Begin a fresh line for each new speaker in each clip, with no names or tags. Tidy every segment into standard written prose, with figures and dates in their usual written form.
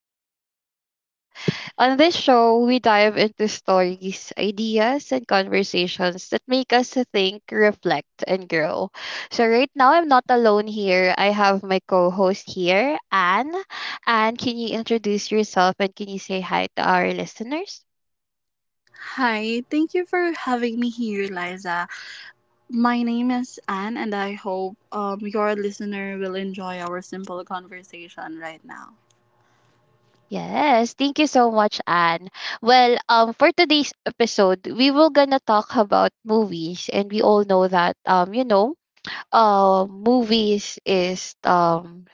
host, Liza. On this show, we dive into stories, ideas, and conversations that make us think, reflect, and grow. So, right now, I'm not alone here. I have my co host here, Anne. Anne, can you introduce yourself and can you say hi to our listeners?
Hi, thank you for having me here, Liza. My name is Anne, and I hope your listener will enjoy our simple conversation right now.
Yes, thank you so much, Anne. For today's episode, we will gonna talk about movies, and we all know that movies is um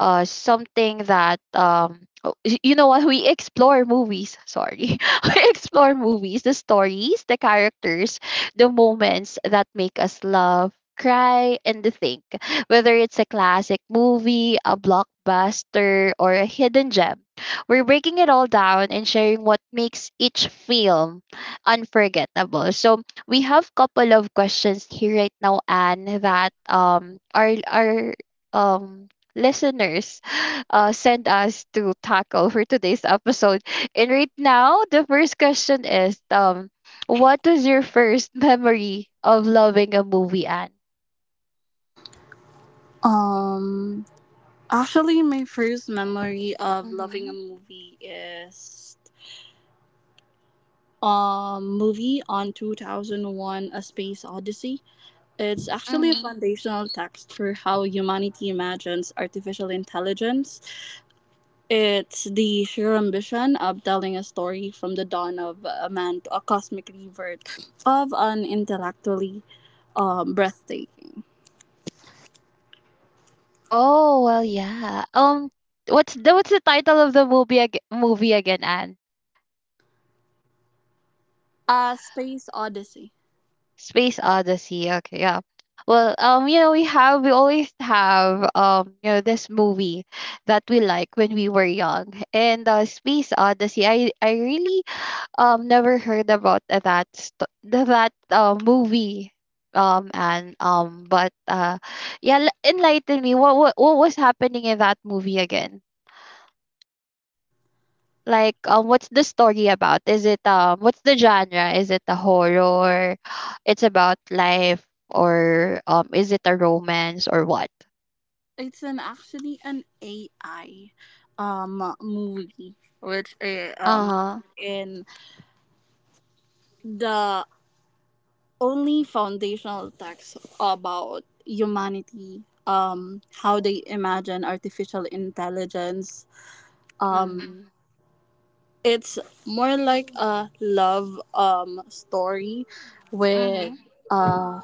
uh something that um oh, y- you know what we explore movies, sorry. We explore movies, the stories, the characters, the moments that make us laugh, cry, and think, whether it's a classic movie, a blockbuster, or a hidden gem. We're breaking it all down and sharing what makes each film unforgettable. So we have couple of questions here right now and that are um listeners sent us to tackle for today's episode. And right now, the first question is, what was your first memory of loving a movie, Anne?
Um, Actually, my first memory of loving
Mm-hmm.
a movie is movie on 2001 a space odyssey. It's actually a
Mm-hmm.
foundational text for how humanity imagines artificial intelligence. It's the sheer ambition of telling a story from the dawn of a man to a cosmic rebirth of an intellectually breathtaking.
Oh, well, yeah. What's the title of the movie again, Anne?
A space odyssey.
Space Odyssey. Okay, yeah. We have we always have this movie that we like when we were young. And Space Odyssey, I really never heard about that movie. And but Yeah, enlighten me. What was happening in that movie again? What's the story about? Is it What's the genre? Is it a horror? It's about life, or is it a romance or what?
It's an actually an AI movie, which
Uh huh.
in the only foundational text about humanity, how they imagine artificial intelligence, um.
Mhm.
It's more like a love story with
Mhm.
uh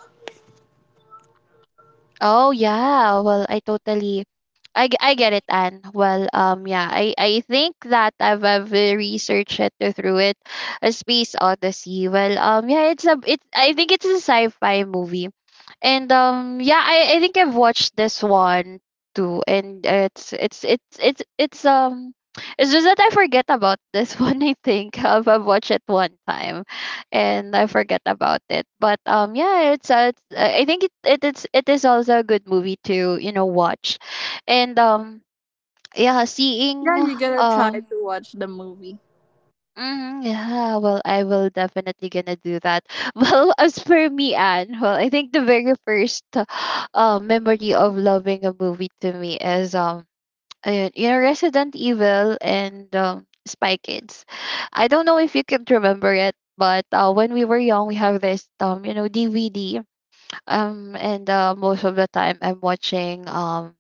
Oh yeah. I totally I get it, Anne. Yeah, I think that I've researched it, a space odyssey. Yeah, it's a it. I think it's a sci-fi movie, and yeah, I think I've watched this one too, and it's just that I forget about this one. I think I've watched it one time, and I forget about it. But Yeah, it's I think it is also a good movie to watch and yeah,
yeah, you going to try
um
to watch the movie.
mhm, yeah, well I will definitely gonna do that. Well, as for me, Anne, well I think the very first memory of loving a movie to me is ayun, you know, Resident Evil and Spy Kids. I don't know if you can remember it. But when we were young, we have this DVD, and most of the time I'm watching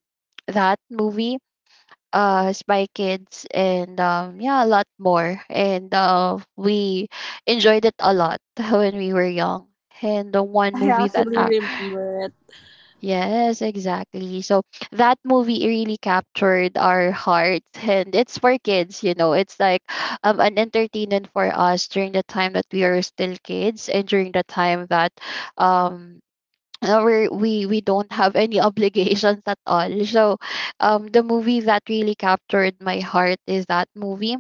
that movie, spy kids, and yeah, a lot more, and we enjoyed it a lot when we were young, and the one
I
movie that
actually remember it.
yes, exactly. So that movie really captured our hearts. And it's for kids, you know, it's like an entertainment for us during the time that we are still kids, and during the time that um we don't have any obligations at all. So, the movie that really captured my heart is that movie,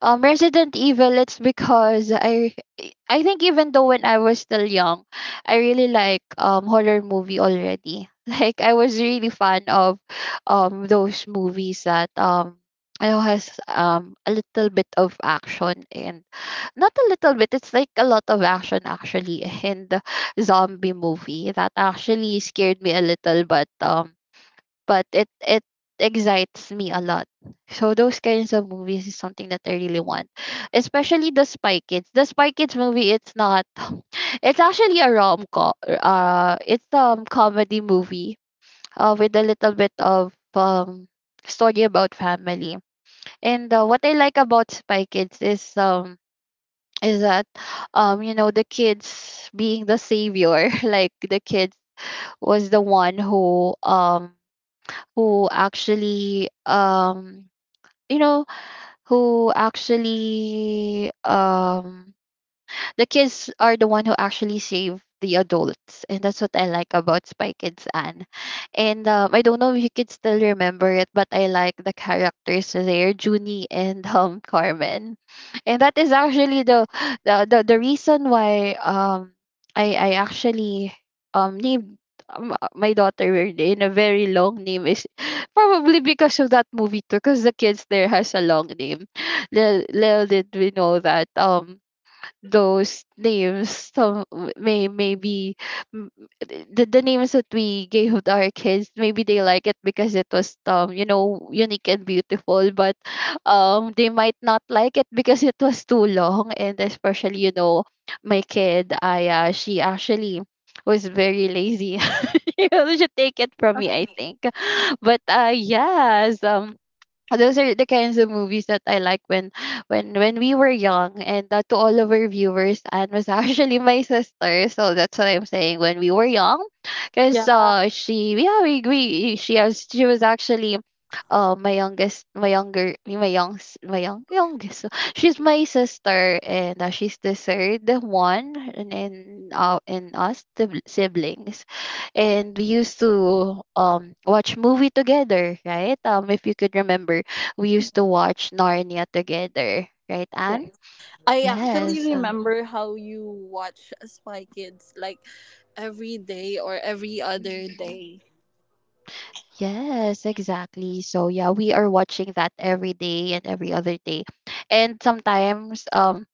Resident Evil. It's because I think even though when I was still young, I really like horror movie already. Like I was really fan of those movies that. I know, has a little bit of action, and not a little bit, it's like a lot of action actually in the zombie movie that actually scared me a little, but it excites me a lot. So those kinds of movies is something that I really want, especially the spy kids movie. It's not, it's actually a rom-com, it's comedy movie with a little bit of story about family. And what I like about spy kids is that you know, the kids being the savior. Like the kids was the one who actually you know who actually the kids are the one who actually save the adults, and that's what I like about spy kids. And I don't know if you could still remember it, but I like the characters there, junie and carmen, and that is actually the reason why I actually named my daughter in a very long name, is probably because of that movie too, because the kids there has a long name. Little did we know that those names, some w- may maybe m- the names that we gave to our kids, maybe they like it because it was unique and beautiful, but they might not like it because it was too long, and especially you know my kid Aya, she actually was very lazy. You know, she take it from me I think. But yes, those are the kinds of movies that I like when when we were young. And to all of our viewers, Anne was actually my sister, so that's what I'm saying when we were young, because
Yeah,
she, yeah, we she has she was actually my youngest my younger my young youngest. So she's my sister, and she's the third one, and in us the siblings. And we used to watch movie together, right? If you could remember, we used to watch Narnia together, right,
yes.
Anne?
I actually
Yes.
remember how you watch spy kids, like every day or every other
Mhm.
day.
Yes, exactly. So yeah, we are watching that every day and every other day. And sometimes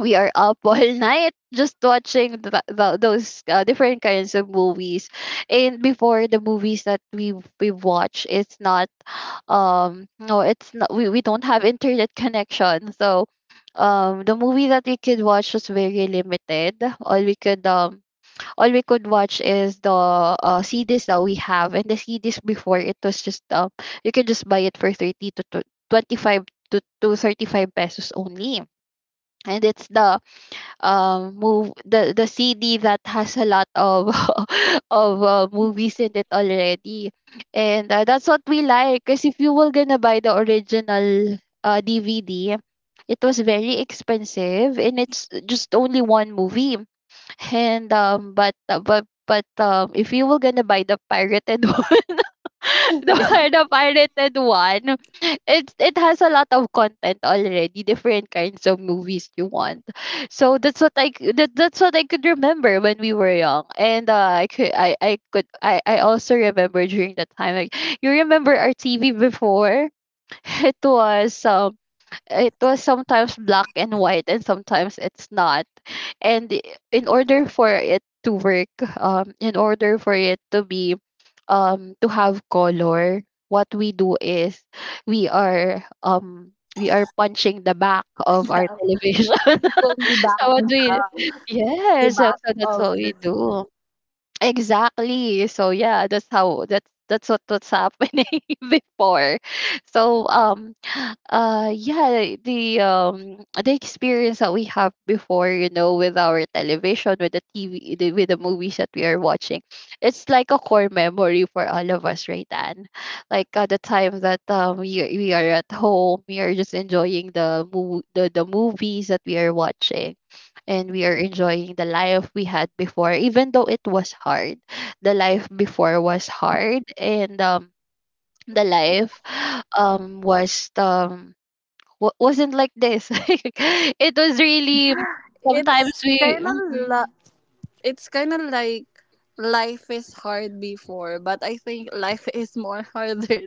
we are up all night just watching those different kinds of movies. And before, the movies that we watch, it's not no it's not, we don't have internet connection, so the movie that we could watch was very limited. all we could um all we could watch is the cds that we have, and the cds before, it was just you can just buy it for thirty to twenty-five to thirty-five pesos only. And it's the move the CD that has a lot of of movies in it already. And that's what we like, because if you were gonna buy the original DVD, it was very expensive and it's just only one movie. And but If you were gonna buy the pirated one,
Yeah,
the pirated one, it has a lot of content already, different kinds of movies you want. So that's what I could remember when we were young. And I could, I also remember during that time. Like, you remember our TV before, it was um, it was sometimes black and white and sometimes it's not. and i- in order for it to work, in order for it to be to have color, what we do is we are um we are punching the back of our
yeah.
television.
People
So what
rebound,
we
uh,
yeah,
rebound
so that's what
of the.
we do, exactly. So yeah, that's how, that's what, what's happening before. So yeah, the experience that we have before, you know, with our television, with the tv, with the movies that we are watching, it's like a core memory for all of us, right? And like at the time that we are at home, we are just enjoying the movies that we are watching, and we are enjoying the life we had before, even though it was hard. The life before was hard, and the life was wa- wasn't like this. It was really sometimes
It's
we
kind
mhm,
of, it's kind of like life is hard before, but I think life is more harder.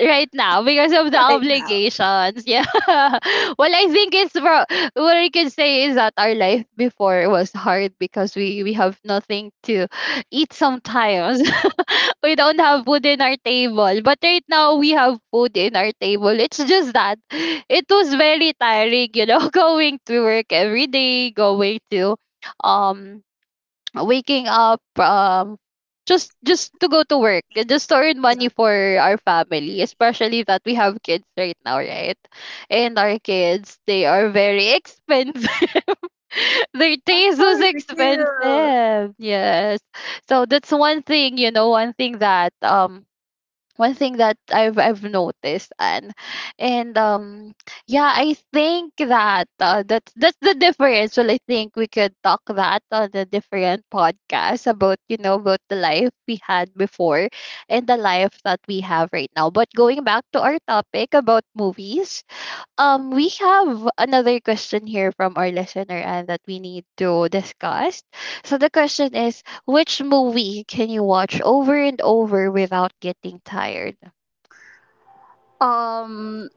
right now, because of the obligations. Yeah. Well, I think what I can say is that our life before was hard because we have nothing to eat sometimes. We don't have food in our table, but right now we have food in our table. It's just that it was very tiring, you know, going to work every day, going to um waking up, just to go to work and just to earn money for our family, especially that we have kids right now, right? And our kids, they are very expensive. Their taste was
For real.
expensive, yes. So that's one thing, you know, one thing that I've noticed. And yeah, I think that that's the difference. Well, I think we could talk that on a different podcast about about the life we had before and the life that we have right now. But going back to our topic about movies, we have another question here from our listener and that we need to discuss. So the question is, which movie can you watch over and over without getting tired?
Um,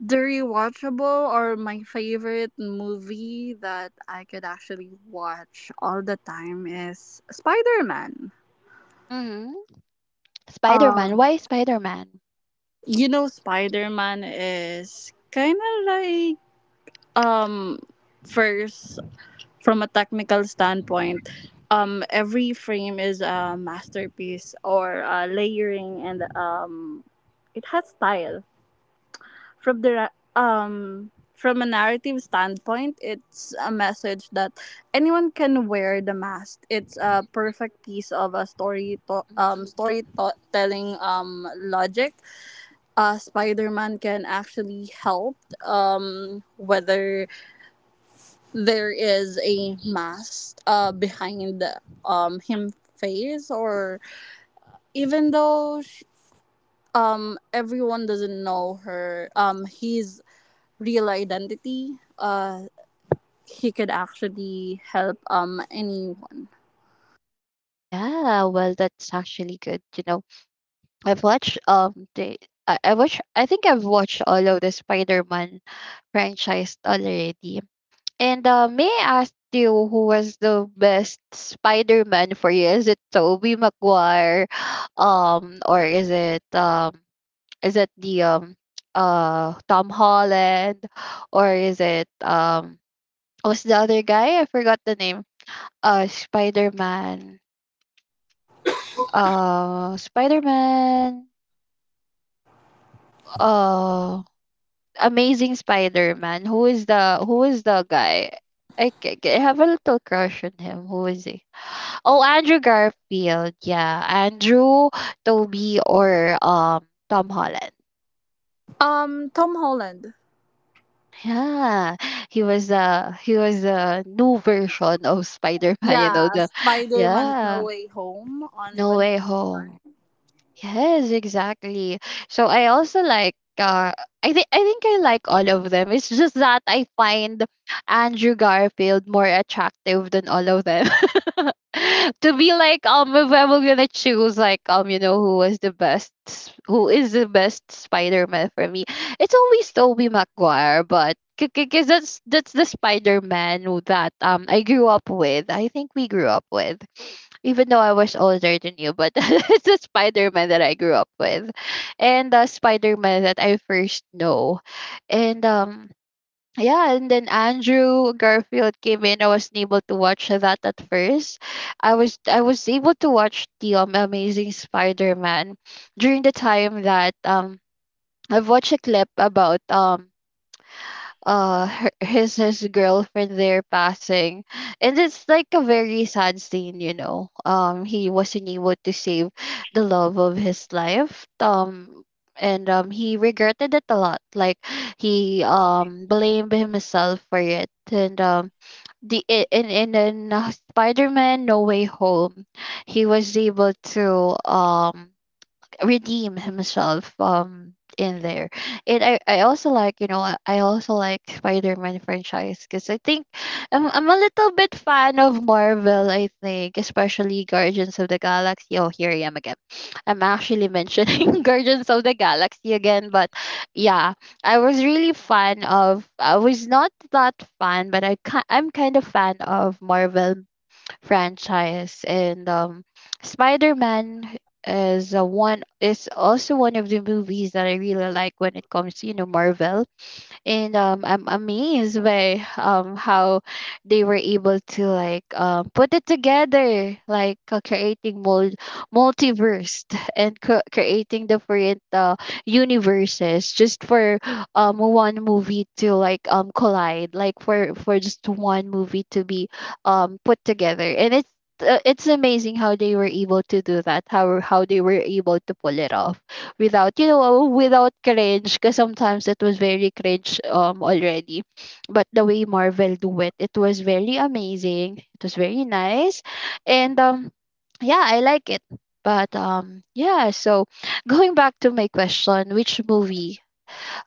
the rewatchable or my favorite movie that I could actually watch all the time is Spider Man.
Mm-hmm. Spider-Man.
Um,
Why Spider-Man?
you know, Spider Man is kind of like um first, from a technical standpoint, every frame is a masterpiece or a layering, and it has style. From the from a narrative standpoint, it's a message that anyone can wear the mask. It's a perfect piece of a
Mhm.
storytelling logic. Spider Man can actually help whether there is a mask behind him face, or even though sh everyone doesn't know her his real identity, he could actually help anyone.
Yeah, well, that's actually good. You know, I've watched the I watch I think I've watched all of the Spider-Man franchise already. And may I ask you who was the best Spider-Man for you? Is it Tobey Maguire, or is it the Tom Holland, or is it what's the other guy? I forgot the name. Uh, Spider-Man. Spider-Man. Uh, Amazing Spider-Man. Who is the guy? I have a little crush on him. Who is he? Oh, Andrew Garfield. Yeah, Andrew, Toby, or Tom Holland.
Tom Holland.
Yeah, he was a new version of Spider Man. You know
Yeah,
the
Spider-Man No
Yeah,
Way Home on
No Way Home.
2021.
Yes, exactly. So I also like I think I like all of them. It's just that I find Andrew Garfield more attractive than all of them. to be like If I were gonna choose like who is the best Spider-Man for me, it's always Tobey Maguire, but because that's the Spider-Man who that I grew up with. I think we grew up with, even though I was older than you, but it's a Spider Man that I grew up with, and the Spider Man that I first know. And. Yeah, and then Andrew Garfield came in. I wasn't able to watch that at first. I was able to watch the Amazing Spider Man during the time that I've watched a clip about his girlfriend there passing, and it's like a very sad scene, you know, he wasn't able to save the love of his life, and he regretted it a lot, like he blamed himself for it. And the I- in, Spider-Man No Way Home, he was able to redeem himself in there. And I also like, I also like Spider-Man franchise because I think I'm a little bit fan of Marvel. I think, especially Guardians of the Galaxy, oh here I am again, I'm actually mentioning Guardians of the Galaxy again, but yeah, I was really fan of, I was not that fan, but I'm kind of fan of Marvel franchise. And Spider-Man is also one of the movies that I really like when it comes to, Marvel. And I'm amazed by how they were able to like put it together, like creating mold multiverse and creating different universes just for one movie to like collide, like for just one movie to be put together. And it's It's amazing how they were able to do that, how they were able to pull it off without, without cringe, because sometimes it was very cringe already, but the way Marvel do it, it was very amazing, it was very nice. And Yeah, I like it. But Yeah, so going back to my question, which movie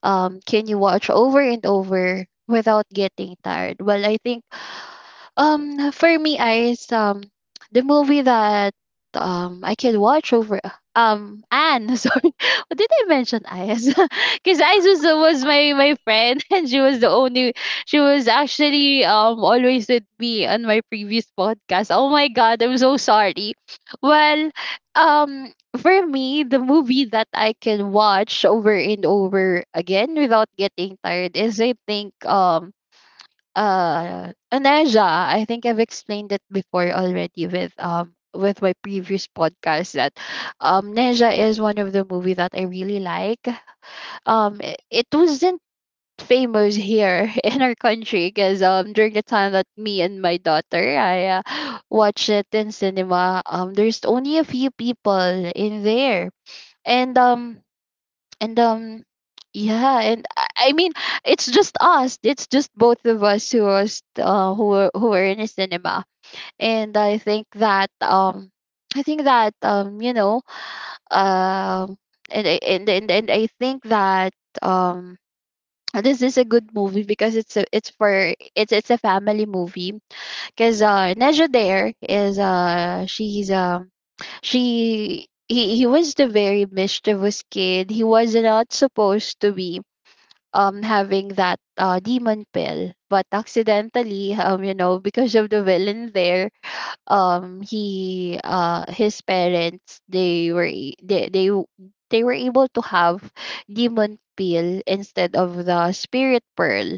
can you watch over and over without getting tired? Well, I think, for me, Iris, the movie that I can watch over, Anne. Sorry, what did I mention Iris? Because Iris was, my my friend, and she was the only. She was actually always with me on my previous podcast. Oh my God, I'm so sorry. Well, For me, the movie that I can watch over and over again without getting tired is, I think, Aneja. I think I've explained it before already with, with my previous podcast, that Neja is one of the movie that I really like. It wasn't famous here in our country, because during the time that me and my daughter I watched it in cinema, there's only a few people in there. And um and Yeah, and I mean, it's just us, it's just both of us who were in a cinema. And I think that You know, um and I think that um this is a good movie because it's for, it's it's a family movie because Neja there is she's she he was the very mischievous kid. He was not supposed to be having that demon pill, but accidentally, you know, because of the villain there, he his parents, they they were able to have demon pill instead of the spirit pearl.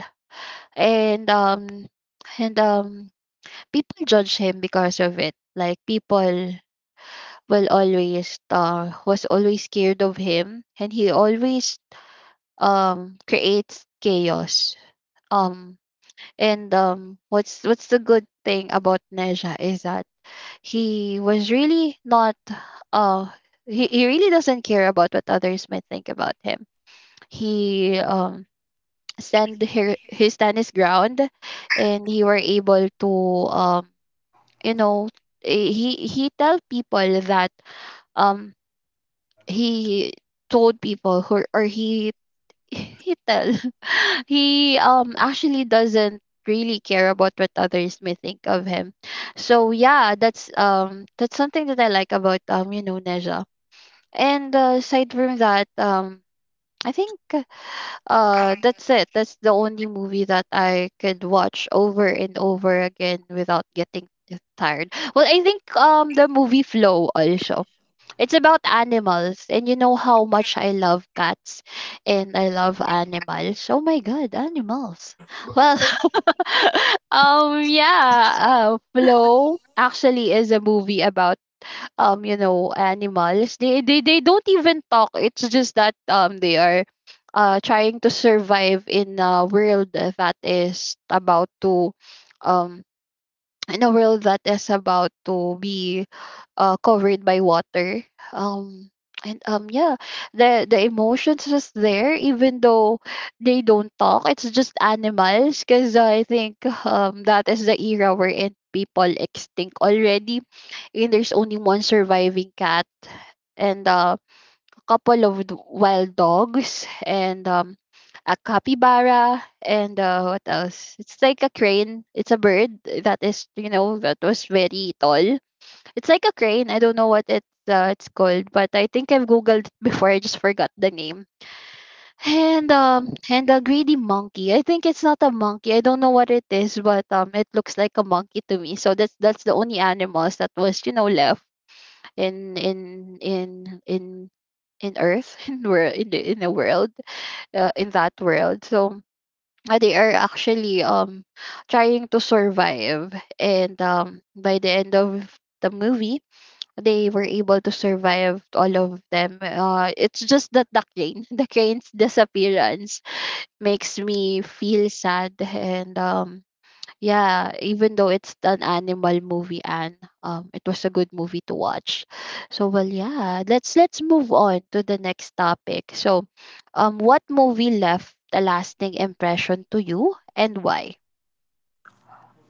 And um and People judge him because of it, like people will always was always scared of him, and he always creates chaos. Um And What's the good thing about Neja is that he was really not, uh he really doesn't care about what others might think about him. He stand here he stand his ground, and he were able to, um you know he tell people that, um he told people who, or he he tell he actually doesn't really care about what others may think of him. So yeah, that's something that I like about, Neja. And aside from that, I think that's it, that's the only movie that I could watch over and over again without getting tired. Well, I think the movie Flow also, it's about animals, and you know how much I love cats and I love animals. Oh my god, animals. Well, yeah, Flow actually is a movie about, animals. They don't even talk. It's just that they are trying to survive in a world that is about to um in a world that is about to be covered by water. Um, and Yeah, the emotions was there, even though they don't talk. It's just animals, because I think that is the era we're in. People extinct already, and there's only one surviving cat, and couple of wild dogs, and a capybara, and what else? It's like a crane. It's a bird that is, you know, that was very tall. It's like a crane. I don't know what it's called, but I think I've googled it before. I just forgot the name. And a greedy monkey. I think it's not a monkey. I don't know what it is, but it looks like a monkey to me. So that's the only animals that was, you know, left in in in in in Earth, in the world, in that world. So they are actually trying to survive, and by the end of the movie, they were able to survive all of them. It's just that the crane, the crane's disappearance makes me feel sad. And Yeah, even though it's an animal movie, and it was a good movie to watch. So, well, yeah, let's move on to the next topic. So, what movie left a lasting impression to you, and why?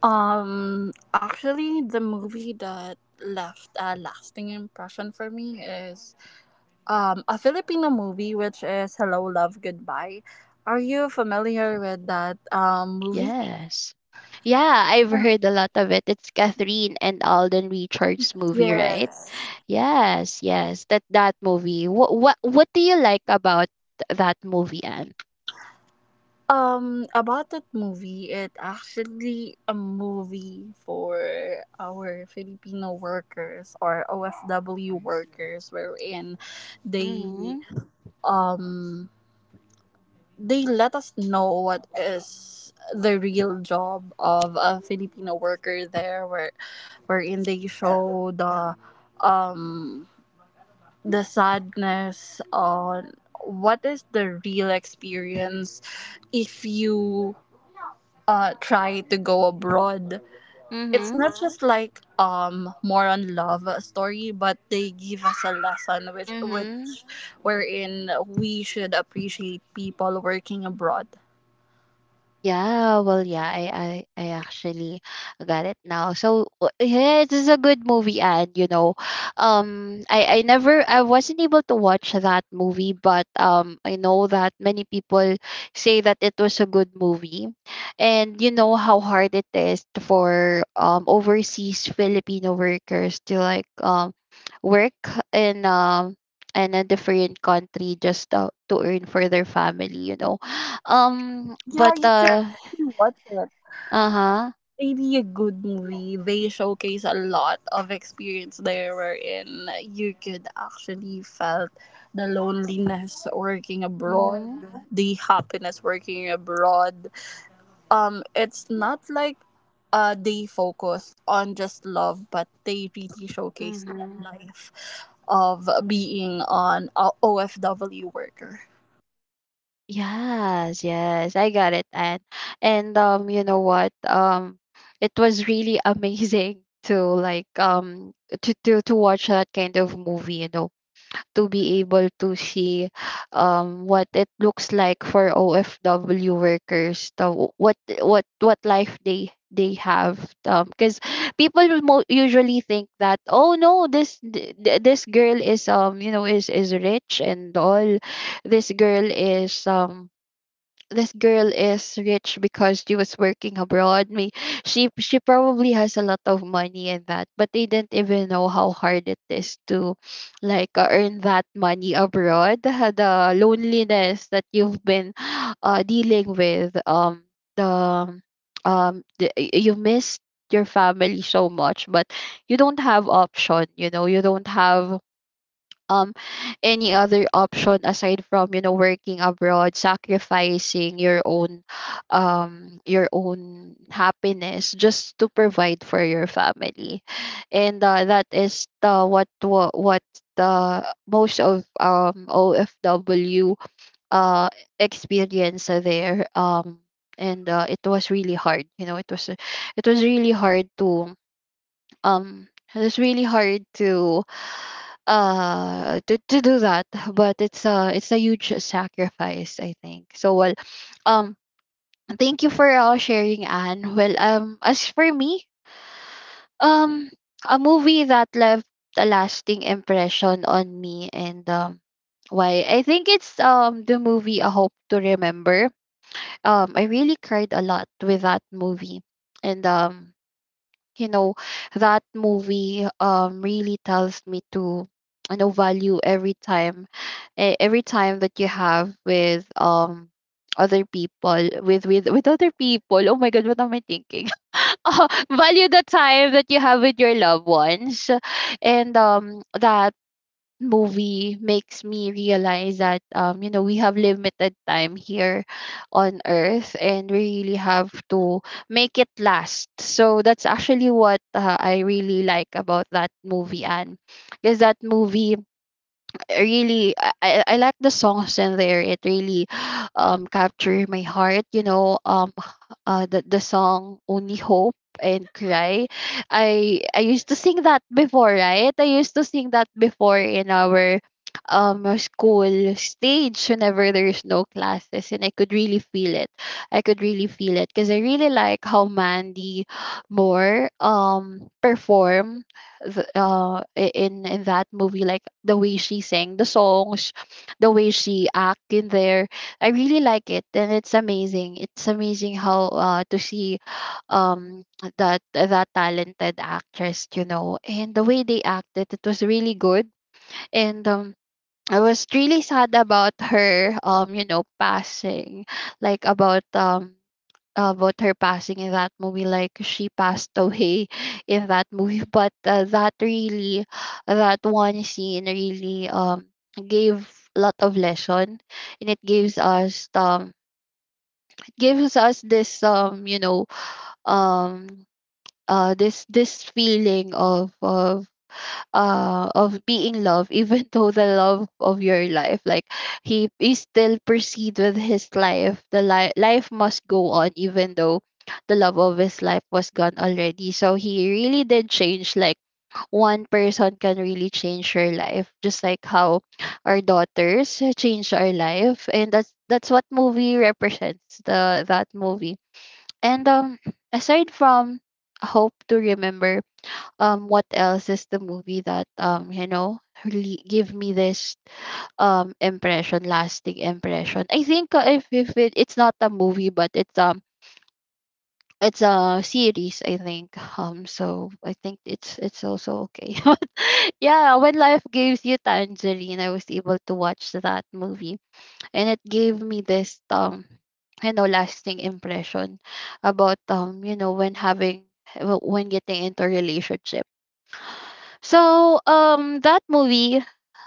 Actually, the movie that left a lasting impression for me is a Filipino movie, which is Hello, Love, Goodbye. Are you familiar with that movie?
Yes. Yeah, I've heard a lot of it. It's Catherine and Alden Richards movie, right?
Yes.
Yes, yes. That that movie. What do you like about that movie, Anne?
About that movie, it actually a movie for our Filipino workers or OFW workers, wherein they
Mhm.
they let us know what is the real job of a Filipino worker there, wherein they show um the sadness on what is the real experience if you try to go abroad. It's not
Mhm.
just like more on love story, but they give us a lesson which
Mhm.
wherein we should appreciate people working abroad.
Yeah, well, yeah, I actually got it now. So yeah, this is a good movie, and you know, I never, I wasn't able to watch that movie, but I know that many people say that it was a good movie, and you know how hard it is for overseas Filipino workers to like work in um in a different country just to earn for their family, you know,
Yeah,
but
you should watch it.
uh-huh.
Really a good movie. They showcase a lot of experience there wherein you could actually felt the loneliness working abroad,
Mm-hmm.
the happiness working abroad. Um, it's not like they focus on just love, but they really showcase the
Mm-hmm.
life of being an OFW worker.
Yes, yes, I got it, and you know what? It was really amazing to like, to watch that kind of movie. You know, to be able to see what it looks like for OFW workers, what life they have because people will usually think that, oh no, this girl is is rich and all. This girl is this girl is rich because she was working abroad. Me, she probably has a lot of money and that, but they didn't even know how hard it is to, earn that money abroad. The loneliness that you've been, dealing with. The, the, you missed your family so much, but you don't have option. You know, you don't have um any other option aside from, you know, working abroad, sacrificing your own happiness just to provide for your family. And that is the what the most of OFW uh experience there. And It was really hard, you know, it was really hard to um it's really hard to to do that, but it's a huge sacrifice, I think. So, well, um thank you for all sharing, Anne. Well, as for me, um a movie that left a lasting impression on me, and why, I think it's the movie A Hope to Remember. I really cried a lot with that movie. And you know That movie really tells me to, you know, value every time, every time that you have with other people, with other people. Oh my god, what am I thinking? Value the time that you have with your loved ones. And That movie makes me realize that, you know, we have limited time here on earth and we really have to make it last. So that's actually what, I really like about that movie. And because that movie really, I like the songs in there. It really captured my heart, you know. The song Only Hope and Cry, I used to sing that before, right? I used to sing that before in our school stage whenever there's no classes, and I could really feel it. I could really feel it because I really like how Mandy Moore perform the, in that movie, like the way she sang the songs, the way she act in there. I really like it, and it's amazing. It's amazing how, to see um that that talented actress, you know, and the way they acted, it was really good. And I was really sad about her, passing, like about her passing in that movie. Like she passed away in that movie, but that really, that one scene really gave lot of lesson, and it gives us this, um this feeling of, of being loved, even though the love of your life, like, he still proceed with his life. The life must go on even though the love of his life was gone already. So he really did change. Like one person can really change your life, just like how our daughters change our life. And that's what movie represents, the that movie. And aside from Hope to Remember, what else is the movie that, really give me this impression, lasting impression? I think, if it, it's not a movie, but it's a series, I think. So I think it's also okay. But yeah, When Life Gives You Tangerine, I was able to watch that movie, and it gave me this, lasting impression about, when having, when getting into a relationship. So that movie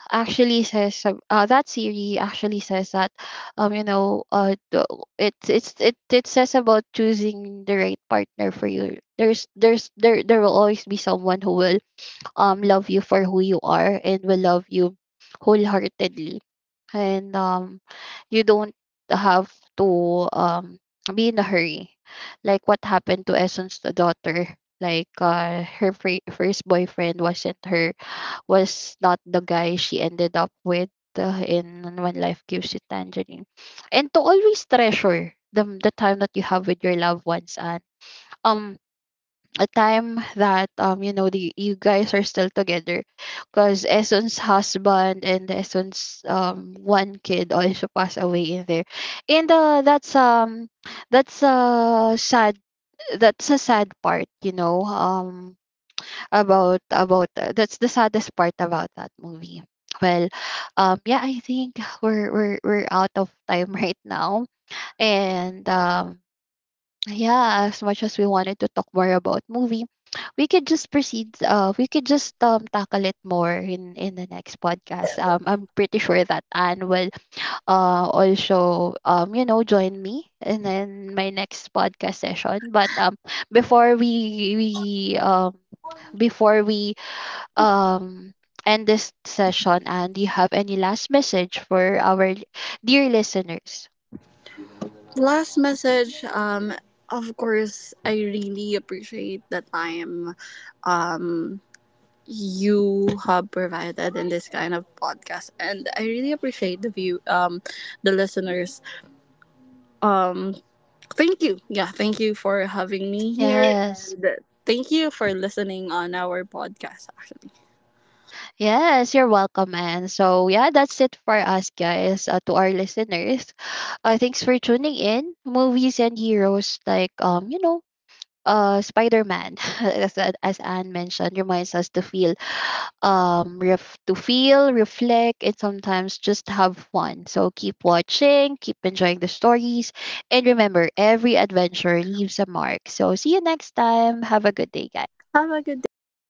actually says, that series actually says that, um you know uh the- it says about choosing the right partner for you. There's, there will always be someone who will love you for who you are and will love you wholeheartedly. And you don't have to be in a hurry, like what happened to Essence, the daughter. Like, her first boyfriend wasn't her, was not the guy she ended up with, in When Life Gives You Tangerine. And to always treasure the time that you have with your loved ones, and um a time that, you know the you guys are still together, because Esson's husband and Esson's one kid also passed away in there. And that's a sad, that's a sad part, you know, about, that's the saddest part about that movie. Well, yeah, I think we're out of time right now. And yeah, as much as we wanted to talk more about movie, we could just proceed. We could just tackle it more in the next podcast. I'm pretty sure that Anne will also you know join me in my next podcast session. But before we we um before we um end this session, Anne, do you have any last message for our dear listeners?
Last message. Of course, I really appreciate the time um, you have provided in this kind of podcast, and I really appreciate the view, the listeners. Um, Thank you. Yeah, thank you for having me here,
Yes.
and thank you for listening on our podcast. Actually,
Yes, you're welcome, and so yeah, that's it for us, guys, to our listeners. Thanks for tuning in. Movies and heroes like, Spider Man, as Anne mentioned, reminds us to feel, to feel, reflect, and sometimes just have fun. So keep watching, keep enjoying the stories, and remember, every adventure leaves a mark. So see you next time. Have a good day, guys.
have a good day.